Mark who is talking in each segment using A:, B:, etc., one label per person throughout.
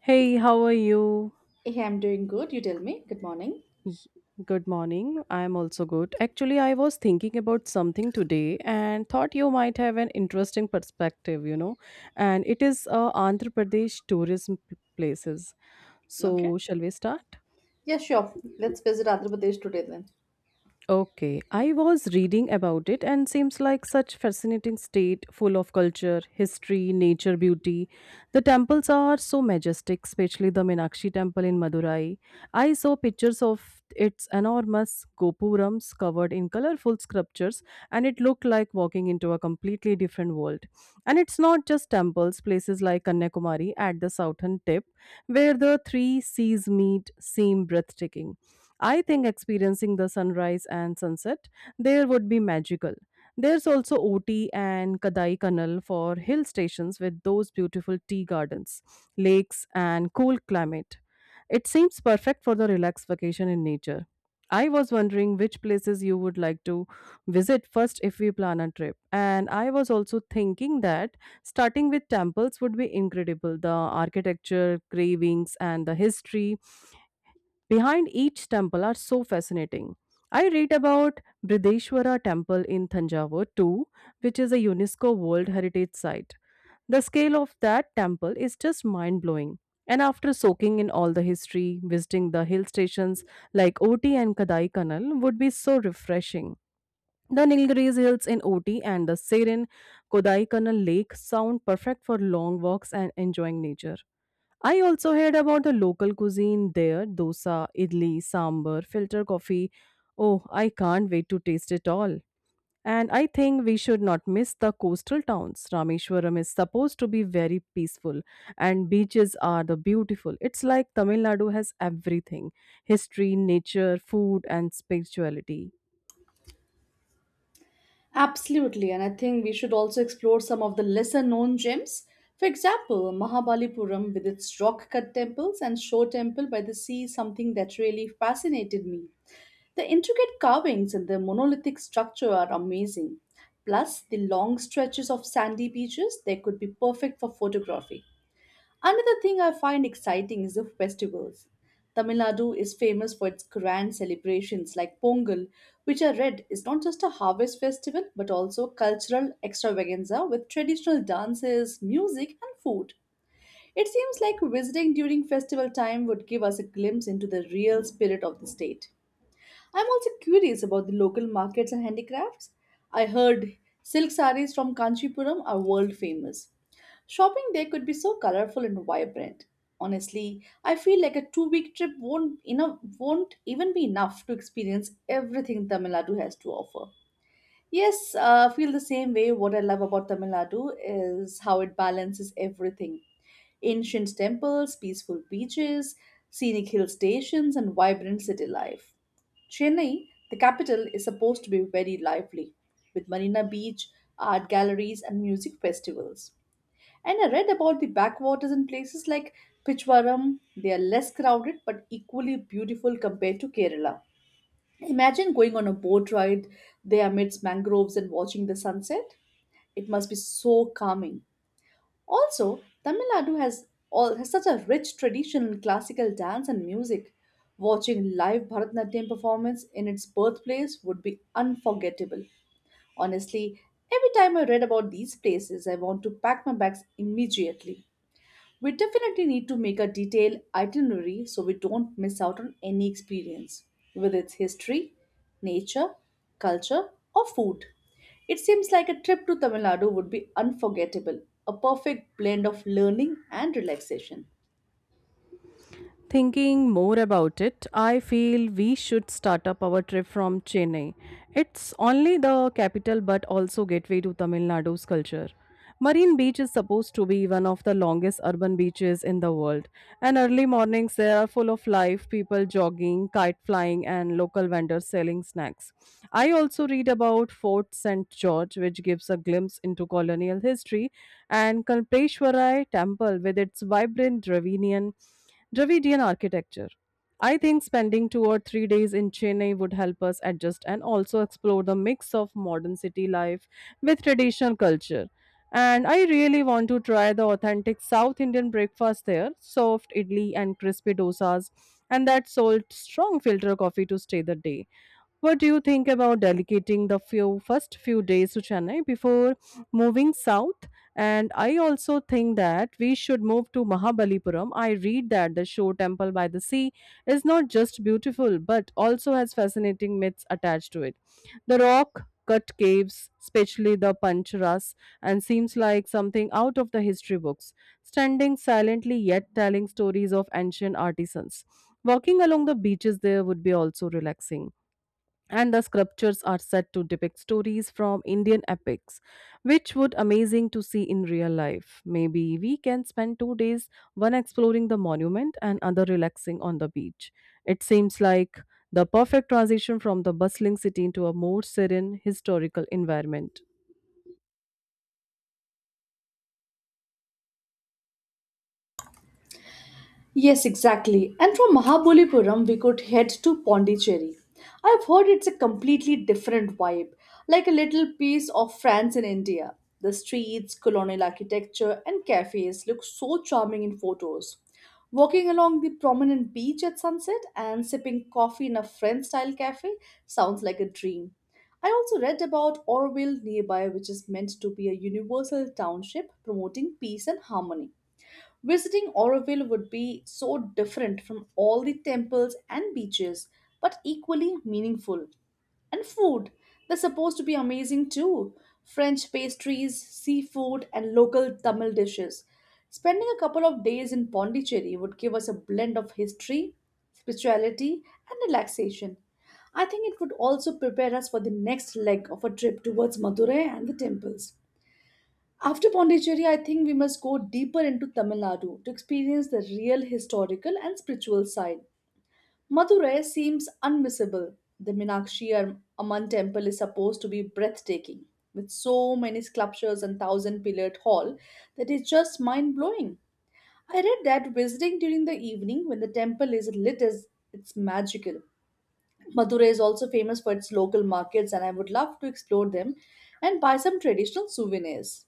A: Hey, how are you?
B: Hey, I'm doing good. You tell me. Good morning.
A: Good morning. I'm also good. Actually, I was thinking about something today and thought you might have an interesting perspective, you know. And it is Andhra Pradesh tourism places.
B: Okay.
A: So, shall we start?
B: Yeah, sure. Let's visit Andhra Pradesh today then.
A: Okay, I was reading about it and seems like such fascinating state full of culture, history, nature, beauty. The temples are so majestic, especially the Meenakshi temple in Madurai. I saw pictures of its enormous gopurams covered in colorful sculptures and it looked like walking into a completely different world. And it's not just temples, places like Kanyakumari at the southern tip where the three seas meet seem breathtaking. I think experiencing the sunrise and sunset there would be magical. There's also Oti and Kadai Kanal for hill stations with those beautiful tea gardens, lakes, and cool climate. It seems perfect for the relaxed vacation in nature. I was wondering which places you would like to visit first if we plan a trip. And I was also thinking that starting with temples would be incredible. The architecture, cravings, and the history behind each temple are so fascinating. I read about Brideshwara Temple in Thanjavur too, which is a UNESCO World Heritage Site. The scale of that temple is just mind blowing. And after soaking in all the history, visiting the hill stations like Oti and Kadai Kanal would be so refreshing. The Nilgiris Hills in Oti and the serene Kodaikanal Lake sound perfect for long walks and enjoying nature. I also heard about the local cuisine there dosa, idli, sambar, filter coffee. Oh, I can't wait to taste it all. And I think we should not miss the coastal towns. Rameshwaram is supposed to be very peaceful, and beaches are the beautiful. It's like Tamil Nadu has everything history, nature, food, and spirituality.
B: Absolutely. And I think we should also explore some of the lesser known gems. For example, Mahabalipuram with its rock cut temples and shore temple by the sea, is something that really fascinated me. The intricate carvings and the monolithic structure are amazing. Plus, the long stretches of sandy beaches, they could be perfect for photography. Another thing I find exciting is the festivals. Tamil Nadu is famous for its grand celebrations like Pongal, which I read is not just a harvest festival but also a cultural extravaganza with traditional dances, music, and food. It seems like visiting during festival time would give us a glimpse into the real spirit of the state. I'm also curious about the local markets and handicrafts. I heard silk sarees from Kanchipuram are world famous. Shopping there could be so colorful and vibrant. Honestly, I feel like a two-week trip won't even be enough to experience everything Tamil Nadu has to offer. Yes, I feel the same way. What I love about Tamil Nadu is how it balances everything: ancient temples, peaceful beaches, scenic hill stations, and vibrant city life. Chennai, the capital, is supposed to be very lively, with Marina Beach, art galleries, and music festivals. And I read about the backwaters in places like Pichwaram. They are less crowded but equally beautiful compared to Kerala. Imagine going on a boat ride there amidst mangroves and watching the sunset. It must be so calming. Also, Tamil Nadu has such a rich tradition in classical dance and music. Watching live Bharatanatyam performance in its birthplace would be unforgettable. Honestly, every time I read about these places, I want to pack my bags immediately. We definitely need to make a detailed itinerary so we don't miss out on any experience, whether it's history, nature, culture, or food. It seems like a trip to Tamil Nadu would be unforgettable, a perfect blend of learning and relaxation.
A: Thinking more about it, I feel we should start up our trip from Chennai. It's only the capital but also gateway to Tamil Nadu's culture. Marine Beach is supposed to be one of the longest urban beaches in the world, and early mornings there are full of life, people jogging, kite flying, and local vendors selling snacks. I also read about Fort St. George, which gives a glimpse into colonial history, and Kalpeshwarai Temple with its vibrant Dravidian architecture. I think spending 2 or 3 days in Chennai would help us adjust and also explore the mix of modern city life with traditional culture. And I really want to try the authentic South Indian breakfast there soft idli and crispy dosas, and that salt strong filter coffee to stay the day. What do you think about dedicating the few first few days to Chennai before moving south? And I also think that we should move to Mahabalipuram. I read that the Shore Temple by the sea is not just beautiful but also has fascinating myths attached to it. The rock cut caves, especially the Pancharas, and seems like something out of the history books, standing silently yet telling stories of ancient artisans. Walking along the beaches there would be also relaxing and the sculptures are said to depict stories from Indian epics, which would amazing to see in real life. Maybe we can spend 2 days, one exploring the monument and other relaxing on the beach. It seems like the perfect transition from the bustling city into a more serene historical environment.
B: Yes, exactly. And from Mahabalipuram, we could head to Pondicherry. I've heard it's a completely different vibe, like a little piece of France in India. The streets, colonial architecture, and cafes look so charming in photos. Walking along the prominent beach at sunset and sipping coffee in a French style cafe sounds like a dream. I also read about Orville nearby, which is meant to be a universal township promoting peace and harmony. Visiting Oroville would be so different from all the temples and beaches, but equally meaningful. And food, they're supposed to be amazing too. French pastries, seafood, and local Tamil dishes. Spending a couple of days in Pondicherry would give us a blend of history, spirituality, and relaxation. I think it would also prepare us for the next leg of a trip towards Madurai and the temples. After Pondicherry, I think we must go deeper into Tamil Nadu to experience the real historical and spiritual side. Madurai seems unmissable. The Minakshi Amman temple is supposed to be breathtaking, with so many sculptures and thousand pillared hall that is just mind blowing. I read that visiting during the evening when the temple is lit is it's magical. Madurai is also famous for its local markets, and I would love to explore them and buy some traditional souvenirs.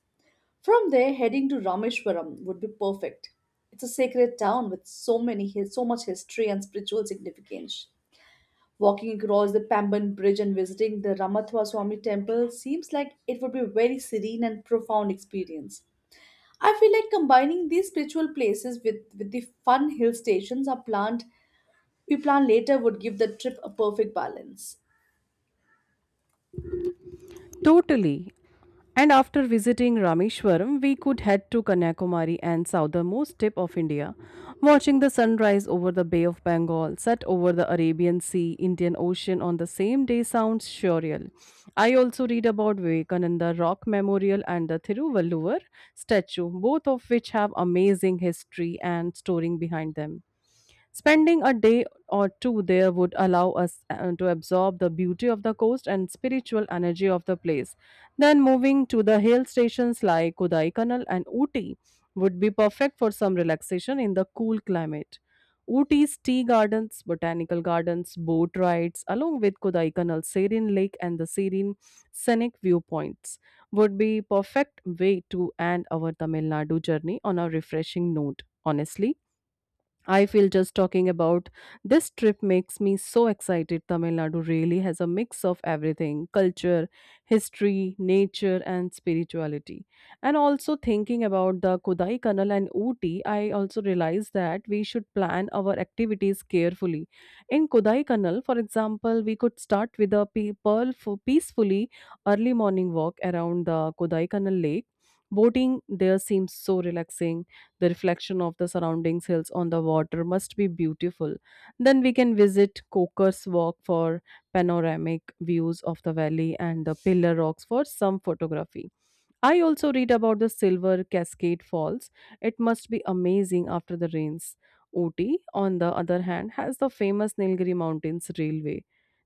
B: From there, heading to Rameshwaram would be perfect. It's a sacred town with so much history and spiritual significance. Walking across the Pamban Bridge and visiting the Ramathwa Swami temple seems like it would be a very serene and profound experience. I feel like combining these spiritual places with the fun hill stations are planned we plan later would give the trip a perfect balance.
A: Totally. And after visiting Rameshwaram, we could head to Kanyakumari and southernmost tip of India, watching the sunrise over the Bay of Bengal, set over the Arabian Sea, Indian Ocean on the same day sounds surreal. I also read about Vivekananda Rock Memorial and the Thiruvalluvar statue, both of which have amazing history and story behind them. Spending a day or two there would allow us to absorb the beauty of the coast and spiritual energy of the place. Then moving to the hill stations like Kodaikanal and Ooty would be perfect for some relaxation in the cool climate. Ooty's tea gardens, botanical gardens, boat rides, along with Kodaikanal's serene lake and the serene scenic viewpoints, would be perfect way to end our Tamil Nadu journey on a refreshing note. Honestly, I feel just talking about this trip makes me so excited. Tamil Nadu really has a mix of everything culture, history, nature, and spirituality. And also, thinking about the Kodai Kanal and Ooty, I also realized that we should plan our activities carefully. In Kodai Kanal, for example, we could start with a peacefully early morning walk around the Kodai Kanal lake. Boating there seems so relaxing the reflection of the surrounding hills on the water must be beautiful. Then we can visit Coker's Walk for panoramic views of the valley and the Pillar Rocks for some photography. I also read about the Silver Cascade Falls. It must be amazing after the rains. Ooty, on the other hand, has the famous Nilgiri Mountains Railway.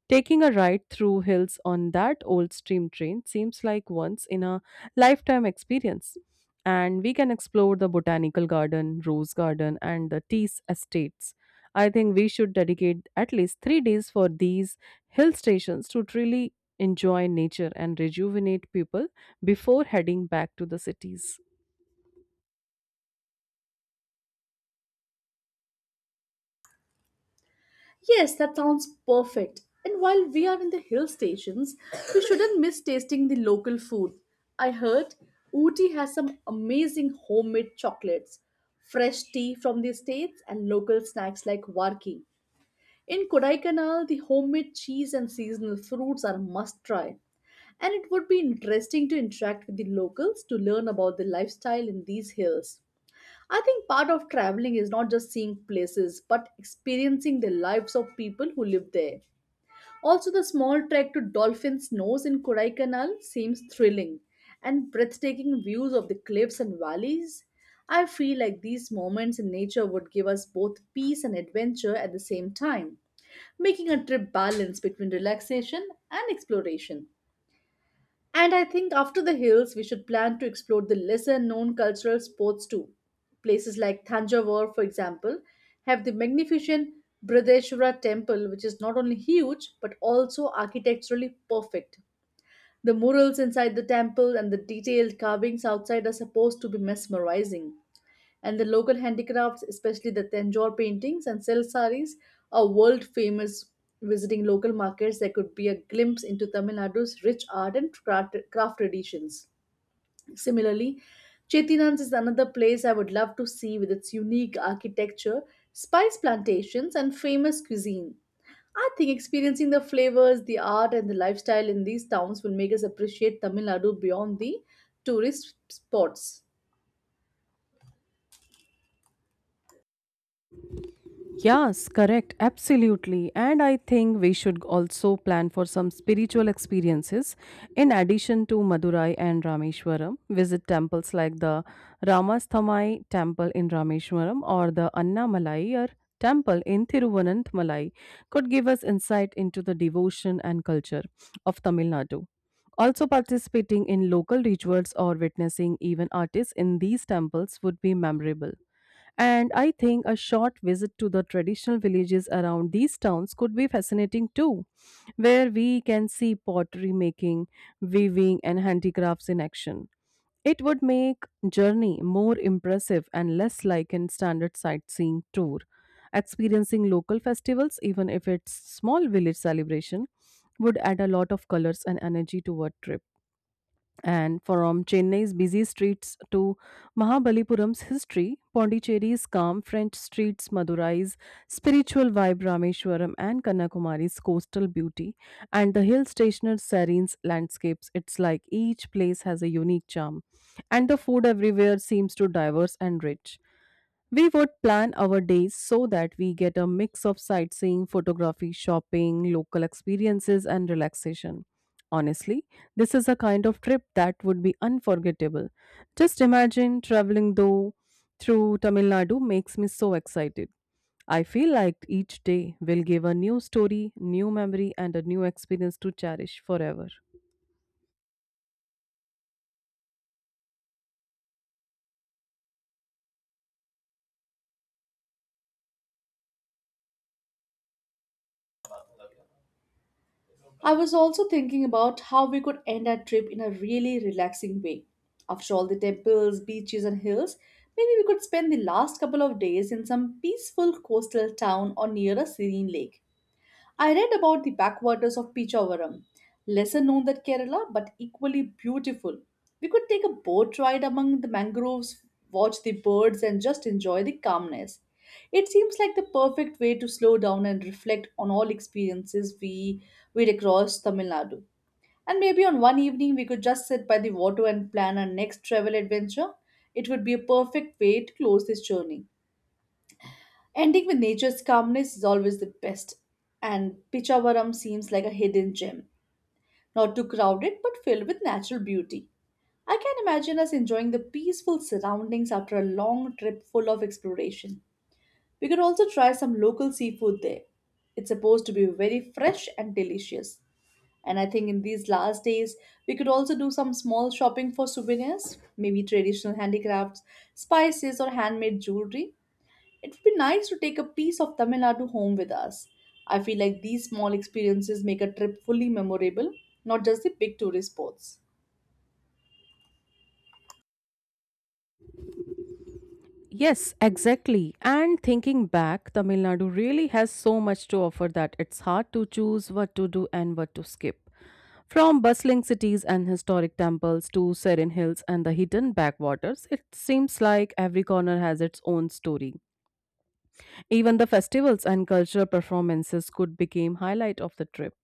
A: Taking a ride through hills on that old steam train seems like once in a lifetime experience. And we can explore the botanical garden, rose garden, and the tea estates. I think we should dedicate at least 3 days for these hill stations to truly enjoy nature and rejuvenate people before heading back to the cities.
B: Yes, that sounds perfect. And while we are in the hill stations, we shouldn't miss tasting the local food. I heard Ooty has some amazing homemade chocolates, fresh tea from the states, and local snacks like warki. In Kodaikanal, the homemade cheese and seasonal fruits are must try. And it would be interesting to interact with the locals to learn about the lifestyle in these hills. I think part of traveling is not just seeing places, but experiencing the lives of people who live there. Also, the small trek to Dolphin's Nose in Kodaikanal seems thrilling, and breathtaking views of the cliffs and valleys. I feel like these moments in nature would give us both peace and adventure at the same time, making a trip balance between relaxation and exploration. And I think after the hills, we should plan to explore the lesser known cultural spots too. Places like Thanjavur, for example, have the magnificent Bradeshwara temple, which is not only huge but also architecturally perfect. The murals inside the temple and the detailed carvings outside are supposed to be mesmerizing. And the local handicrafts, especially the Tanjore paintings and silk sarees, are world famous. Visiting local markets, there could be a glimpse into Tamil Nadu's rich art and craft traditions. Similarly, Chettinad is another place I would love to see with its unique architecture, spice plantations, and famous cuisine. I think experiencing the flavors, the art, and the lifestyle in these towns will make us appreciate Tamil Nadu beyond the tourist spots.
A: Yes, correct. Absolutely. And I think we should also plan for some spiritual experiences in addition to Madurai and Rameshwaram. Visit temples like the Ramasthamai temple in Rameshwaram or the Annamalai temple in Thiruvananthamalai could give us insight into the devotion and culture of Tamil Nadu. Also, participating in local rituals or witnessing even artists in these temples would be memorable. And I think a short visit to the traditional villages around these towns could be fascinating too, where we can see pottery making, weaving, and handicrafts in action. It would make journey more impressive and less like a standard sightseeing tour. Experiencing local festivals, even if it's small village celebration, would add a lot of colors and energy to a trip. And from Chennai's busy streets to Mahabalipuram's history, Pondicherry's calm French streets, Madurai's spiritual vibe, Rameshwaram and Kanyakumari's coastal beauty, and the hill stationer's serene's landscapes, it's like each place has a unique charm. And the food everywhere seems to diverse and rich. We would plan our days so that we get a mix of sightseeing, photography, shopping, local experiences, and relaxation. Honestly, this is a kind of trip that would be unforgettable. Just imagine traveling though through Tamil Nadu makes me so excited. I feel like each day will give a new story, new memory, and a new experience to cherish forever.
B: I was also thinking about how we could end our trip in a really relaxing way. After all the temples, beaches, and hills, maybe we could spend the last couple of days in some peaceful coastal town or near a serene lake. I read about the backwaters of Pichavaram, lesser known than Kerala but equally beautiful. We could take a boat ride among the mangroves, watch the birds, and just enjoy the calmness. It seems like the perfect way to slow down and reflect on all experiences we across Tamil Nadu. And maybe on one evening we could just sit by the water and plan our next travel adventure. It would be a perfect way to close this journey. Ending with nature's calmness is always the best, and Pichavaram seems like a hidden gem, not too crowded but filled with natural beauty. I can imagine us enjoying the peaceful surroundings after a long trip full of exploration. We could also try some local seafood there. It's supposed to be very fresh and delicious. And I think in these last days, we could also do some small shopping for souvenirs, maybe traditional handicrafts, spices, or handmade jewelry. It would be nice to take a piece of Tamil Nadu home with us. I feel like these small experiences make a trip fully memorable, not just the big tourist spots.
A: Yes, exactly. And thinking back, Tamil Nadu really has so much to offer that it's hard to choose what to do and what to skip. From bustling cities and historic temples to serene hills and the hidden backwaters, it seems like every corner has its own story. Even the festivals and cultural performances could become highlight of the trip.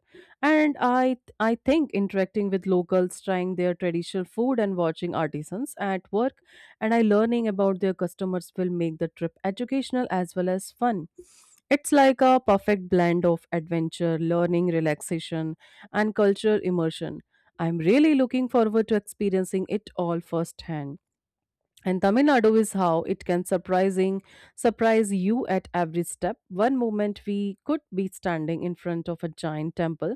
A: And I think interacting with locals, trying their traditional food and watching artisans at work and I learning about their customers will make the trip educational as well as fun. It's like a perfect blend of adventure, learning, relaxation, and cultural immersion. I'm really looking forward to experiencing it all firsthand. And Tamil Nadu is how it can surprising surprise you at every step. One moment we could be standing in front of a giant temple,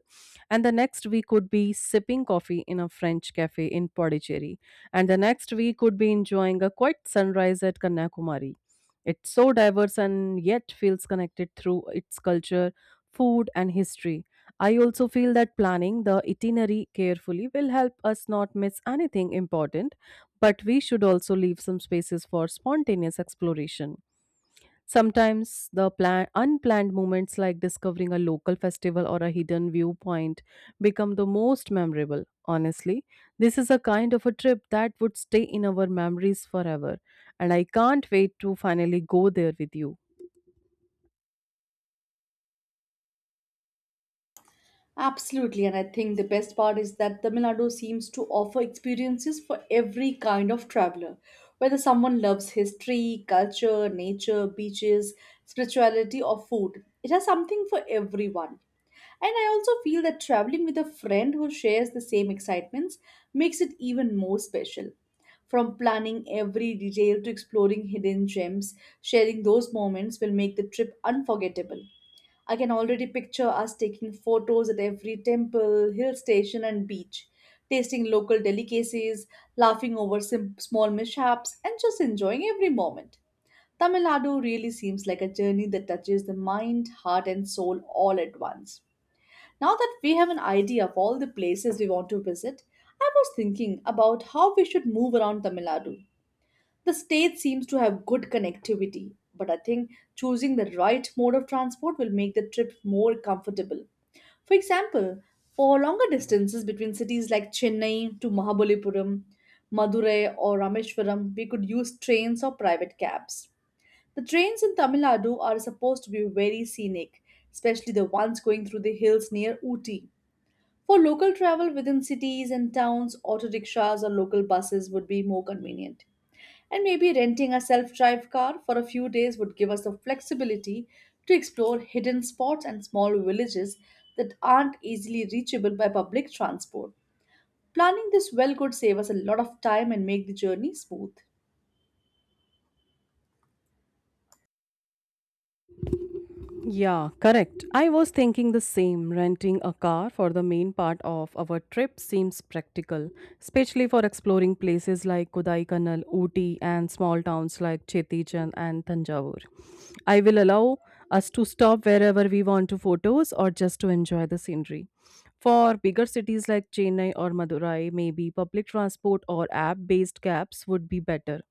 A: and the next we could be sipping coffee in a French cafe in Pondicherry, and the next we could be enjoying a quiet sunrise at Kanyakumari. It's so diverse and yet feels connected through its culture, food, and history. I also feel that planning the itinerary carefully will help us not miss anything important but we should also leave some spaces for spontaneous exploration. Sometimes the unplanned moments like discovering a local festival or a hidden viewpoint become the most memorable. Honestly, this is a kind of a trip that would stay in our memories forever, and I can't wait to finally go there with you.
B: Absolutely, and I think the best part is that Tamil Nadu seems to offer experiences for every kind of traveler. Whether someone loves history, culture, nature, beaches, spirituality, or food, it has something for everyone. And I also feel that traveling with a friend who shares the same excitements makes it even more special. From planning every detail to exploring hidden gems, sharing those moments will make the trip unforgettable. I can already picture us taking photos at every temple, hill station, and beach, tasting local delicacies, laughing over small mishaps, and just enjoying every moment. Tamil Nadu really seems like a journey that touches the mind, heart, and soul all at once. Now that we have an idea of all the places we want to visit, I was thinking about how we should move around Tamil Nadu. The state seems to have good connectivity, but I think choosing the right mode of transport will make the trip more comfortable. For example, for longer distances between cities like Chennai to Mahabalipuram, Madurai, or Rameshwaram, we could use trains or private cabs. The trains in Tamil Nadu are supposed to be very scenic, especially the ones going through the hills near Ooty. For local travel within cities and towns, auto rickshaws or local buses would be more convenient. And maybe renting a self drive car for a few days would give us the flexibility to explore hidden spots and small villages that aren't easily reachable by public transport. Planning this well could save us a lot of time and make the journey smooth.
A: Yeah, correct. I was thinking the same. Renting a car for the main part of our trip seems practical, especially for exploring places like Kodaikanal, Ooty, and small towns like Chettichan and Tanjavur. I will allow us to stop wherever we want to photos or just to enjoy the scenery. For bigger cities like Chennai or Madurai, maybe public transport or app based cabs would be better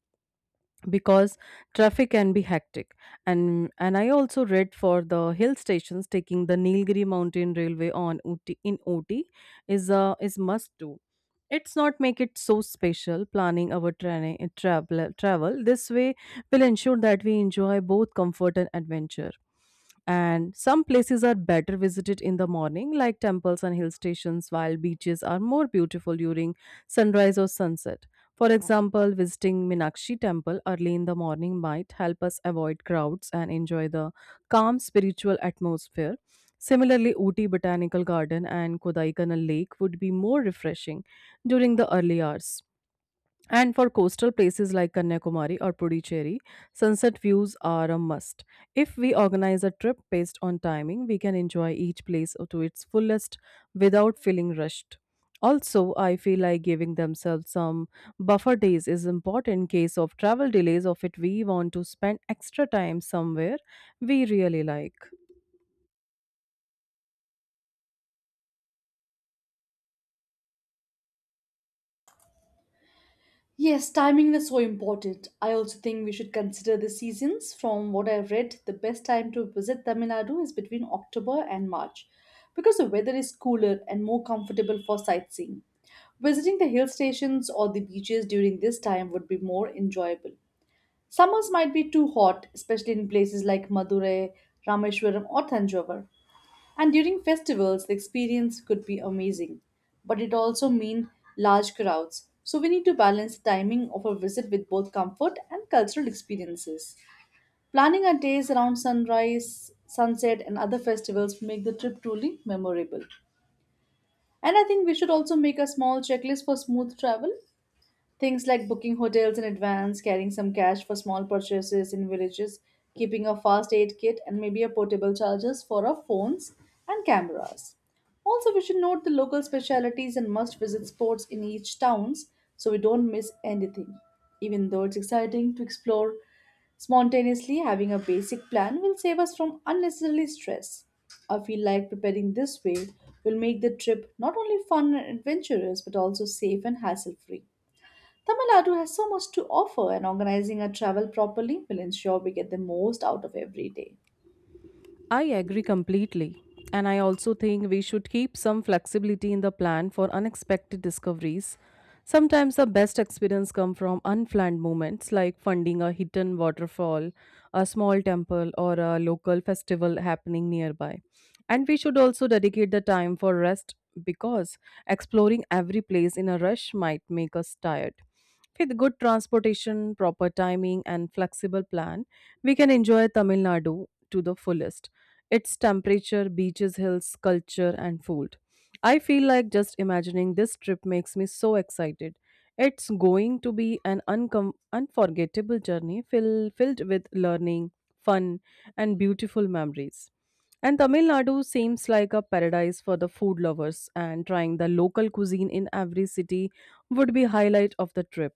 A: because traffic can be hectic and I also read for the hill stations taking the Nilgiri mountain railway on OT in ot is a is must do. It's not make it so special. Planning our training travel this way will ensure that we enjoy both comfort and adventure. And some places are better visited in the morning like temples and hill stations, while beaches are more beautiful during sunrise or sunset. For example, visiting Minakshi temple early in the morning might help us avoid crowds and enjoy the calm spiritual atmosphere. Similarly, Uti Botanical Garden and Kodaikanal Lake would be more refreshing during the early hours. And for coastal places like Kanyakumari or Puducherry, sunset views are a must. If we organize a trip based on timing, we can enjoy each place to its fullest without feeling rushed. Also, I feel like giving themselves some buffer days is important in case of travel delays or if we want to spend extra time somewhere we really like.
B: Yes, timing is so important. I also think we should consider the seasons. From what I've read, the best time to visit Tamil Nadu is between October and March because the weather is cooler and more comfortable for sightseeing. Visiting the hill stations or the beaches during this time would be more enjoyable. Summers might be too hot, especially in places like Madurai, Rameshwaram, or Tanjore. And during festivals, the experience could be amazing, but it also mean large crowds. So we need to balance the timing of a visit with both comfort and cultural experiences. Planning our days around sunrise, sunset, and other festivals make the trip truly memorable. And I think we should also make a small checklist for smooth travel. Things like booking hotels in advance, carrying some cash for small purchases in villages, keeping a fast aid kit, and maybe a portable chargers for our phones and cameras. Also, we should note the local specialities and must visit spots in each towns so we don't miss anything. Even though it's exciting to explore spontaneously, having a basic plan will save us from unnecessary stress. I feel like preparing this way will make the trip not only fun and adventurous but also safe and hassle free. Tamil Nadu has so much to offer, and organizing our travel properly will ensure we get the most out of every day.
A: I agree completely. And I also think we should keep some flexibility in the plan for unexpected discoveries. Sometimes the best experience come from unplanned moments like finding a hidden waterfall, a small temple or a local festival happening nearby. And we should also dedicate the time for rest because exploring every place in a rush might make us tired. With good transportation, proper timing and flexible plan, we can enjoy Tamil Nadu to the fullest. Its temperature, beaches, hills, culture, and food. I feel like just imagining this trip makes me so excited. It's going to be an unforgettable journey filled with learning, fun, and beautiful memories. And Tamil Nadu seems like a paradise for the food lovers, and trying the local cuisine in every city would be highlight of the trip.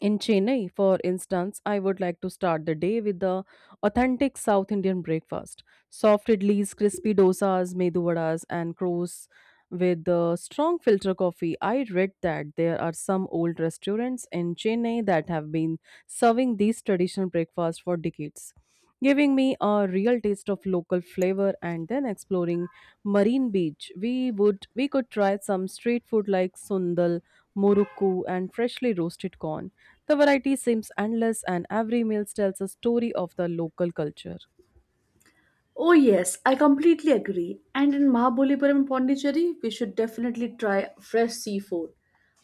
A: In Chennai, for instance, I would like to start the day with the authentic South Indian breakfast. Soft idlis, crispy dosas, medu vadas, and crows with the strong filter coffee. I read that there are some old restaurants in Chennai that have been serving these traditional breakfasts for decades, giving me a real taste of local flavor, and then exploring Marine Beach. We could try some street food like sundal, murukku and freshly roasted corn. The variety seems endless, and every meal tells a story of the local culture.
B: Oh, yes, I completely agree. And in Mahabalipuram, Pondicherry, we should definitely try fresh seafood.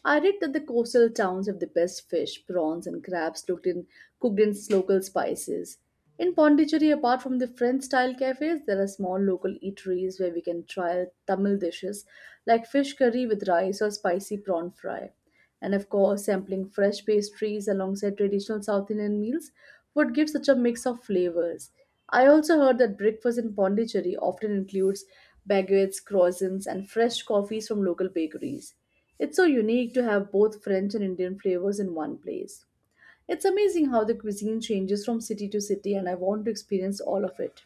B: I read that the coastal towns have the best fish, prawns, and crabs cooked in, cooked in local spices. In Pondicherry, apart from the French style cafes, there are small local eateries where we can try Tamil dishes like fish curry with rice or spicy prawn fry. And of course, sampling fresh pastries alongside traditional South Indian meals would give such a mix of flavors. I also heard that breakfast in Pondicherry often includes baguettes, croissants, and fresh coffees from local bakeries. It's so unique to have both French and Indian flavors in one place. It's amazing how the cuisine changes from city to city, and I want to experience all of it.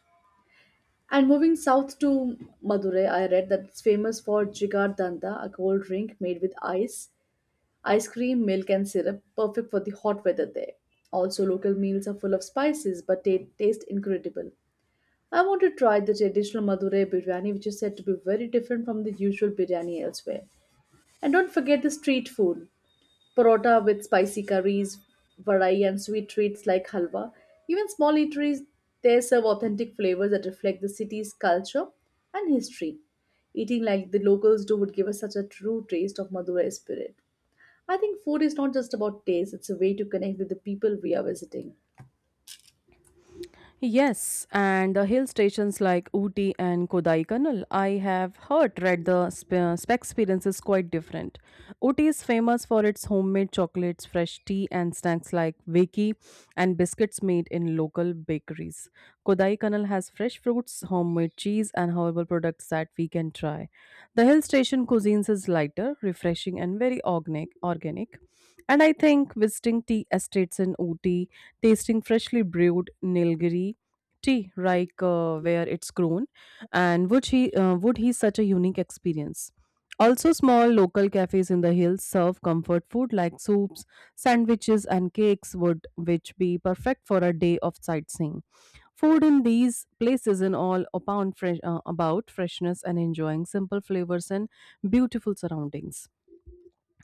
B: And moving south to Madurai, I read that it's famous for jigar danda, a cold drink made with ice, ice cream, milk, and syrup, perfect for the hot weather there. Also, local meals are full of spices but taste incredible. I want to try the traditional Madurai biryani, which is said to be very different from the usual biryani elsewhere. And don't forget the street food, parota with spicy curries, varai, and sweet treats like halwa. Even small eateries there serve authentic flavors that reflect the city's culture and history. Eating like the locals do would give us such a true taste of Madurai spirit. I think food is not just about taste, it's a way to connect with the people we are visiting.
A: Yes, and the hill stations like Ooty and Kodaikanal, I have heard read the spec experience is quite different. Ooty is famous for its homemade chocolates, fresh tea, and snacks like veki and biscuits made in local bakeries. Kodaikanal has fresh fruits, homemade cheese, and herbal products that we can try. The hill station cuisines is lighter, refreshing, and very organic. Organic, and I think visiting tea estates in Ooty, tasting freshly brewed Nilgiri tea, like where it's grown, and would he such a unique experience? Also, small local cafes in the hills serve comfort food like soups, sandwiches, and cakes, would which be perfect for a day of sightseeing. Food in these places in all upon fresh, about freshness and enjoying simple flavors and beautiful surroundings,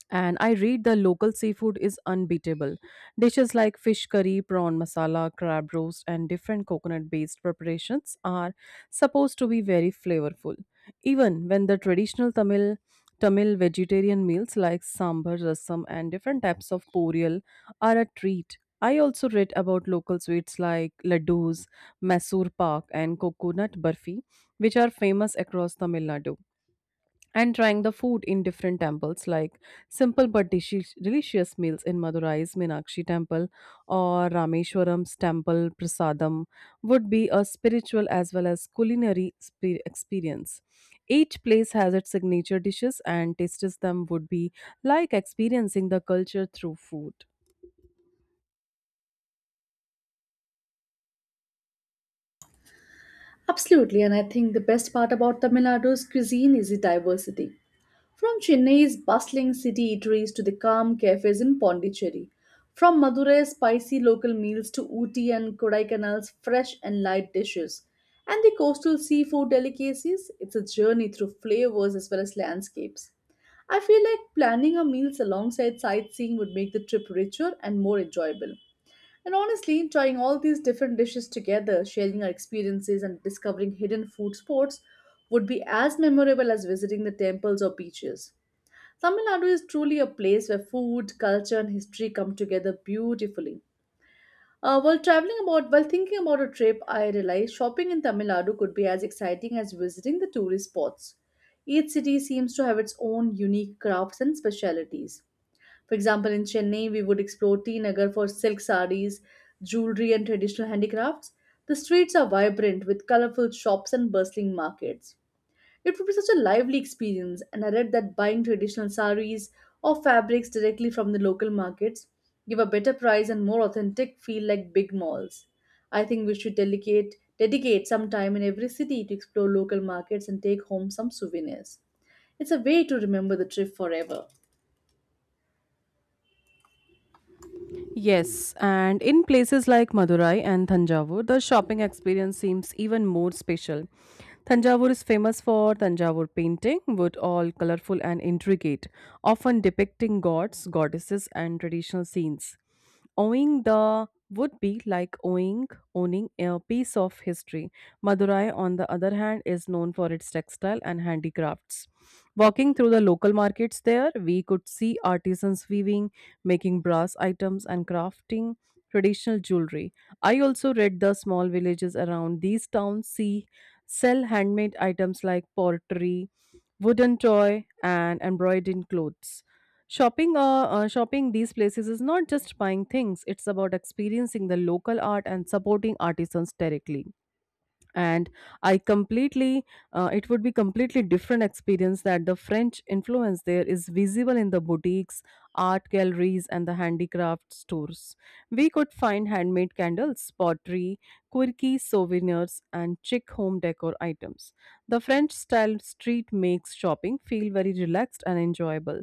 A: and I read the local seafood is unbeatable. Dishes like fish curry, prawn masala, crab roast, and different coconut based preparations are supposed to be very flavorful. Even when the traditional Tamil vegetarian meals like sambar, rasam, and different types of poriyal are a treat. I also read about local sweets like laddus, Mysore pak, and coconut barfi, which are famous across Tamil Nadu, and trying the food in different temples like simple but delicious meals in Madurai's Meenakshi temple or Rameshwaram's temple prasadam would be a spiritual as well as culinary experience. Each place has its signature dishes, and tastes them would be like experiencing the culture through food.
B: Absolutely, and I think the best part about Tamil Nadu's cuisine is the diversity. From Chennai's bustling city eateries to the calm cafes in Pondicherry, from Madurei's spicy local meals to Ooty and Kodaikanal's fresh and light dishes, and the coastal seafood delicacies, it's a journey through flavors as well as landscapes. I feel like planning our meals alongside sightseeing would make the trip richer and more enjoyable. And honestly, trying all these different dishes together, sharing our experiences, and discovering hidden food spots would be as memorable as visiting the temples or beaches. Tamil Nadu is truly a place where food, culture, and history come together beautifully. While thinking about a trip, I realized shopping in Tamil Nadu could be as exciting as visiting the tourist spots. Each city seems to have its own unique crafts and specialities. For example, in Chennai, we would explore T Nagar for silk sarees, jewelry, and traditional handicrafts. The streets are vibrant with colorful shops and bustling markets. It would be such a lively experience, and I read that buying traditional sarees or fabrics directly from the local markets give a better price and more authentic feel like big malls. I think we should dedicate some time in every city to explore local markets and take home some souvenirs. It's a way to remember the trip forever.
A: Yes, and in places like Madurai and Thanjavur, the shopping experience seems even more special. Thanjavur is famous for Thanjavur painting, wood all colorful and intricate, often depicting gods, goddesses, and traditional scenes. Owning the would be like owning a piece of history. Madurai, on the other hand, is known for its textile and handicrafts. Walking through the local markets there, we could see artisans weaving, making brass items and crafting traditional jewelry. I also read the small villages around these towns see sell handmade items like pottery, wooden toy, and embroidered clothes. Shopping these places is not just buying things; it's about experiencing the local art and supporting artisans directly. And I completely it would be completely different experience that the French influence there is visible in the boutiques, art galleries and the handicraft stores. We could find handmade candles, pottery, quirky souvenirs and chic home decor items. The French style street makes shopping feel very relaxed and enjoyable.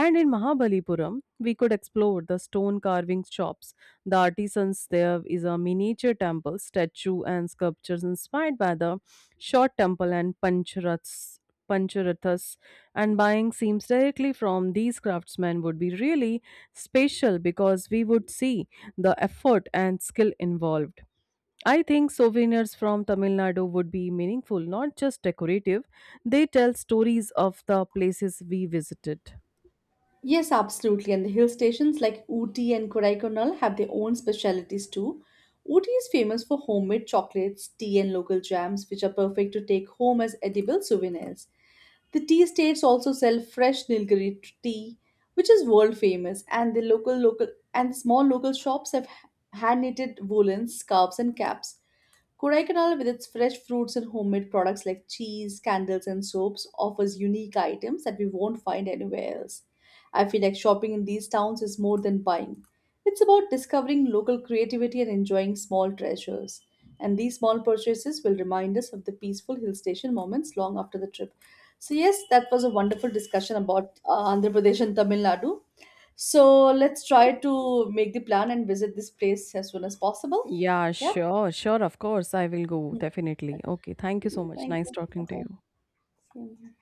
A: And in Mahabalipuram we could explore the stone carving shops. The artisans there is a miniature temple, statue, and sculptures inspired by the short temple and Pancharathas. Pancharathas, and buying seams directly from these craftsmen would be really special because we would see the effort and skill involved. I think souvenirs from Tamil Nadu would be meaningful, not just decorative. They tell stories of the places we visited.
B: Yes, absolutely. And the hill stations like Ooty and Kodaikanal have their own specialities too. Ooty is famous for homemade chocolates, tea, and local jams, which are perfect to take home as edible souvenirs. The tea estates also sell fresh Nilgiri tea, which is world famous, and the local and small local shops have hand knitted woolens, scarves, and caps. Kodaikanal, with its fresh fruits and homemade products like cheese, candles, and soaps, offers unique items that we won't find anywhere else. I feel like shopping in these towns is more than buying. It's about discovering local creativity and enjoying small treasures. And these small purchases will remind us of the peaceful hill station moments long after the trip. So, yes, that was a wonderful discussion about Andhra Pradesh and Tamil Nadu. So, let's try to make the plan and visit this place as soon as possible.
A: Yeah,
B: Yeah.
A: sure, sure, of course. I will go, definitely. Okay, thank you
B: Yeah.
A: so much.
B: Thank
A: Nice
B: you.
A: talking to
B: Okay.
A: you.
B: See you.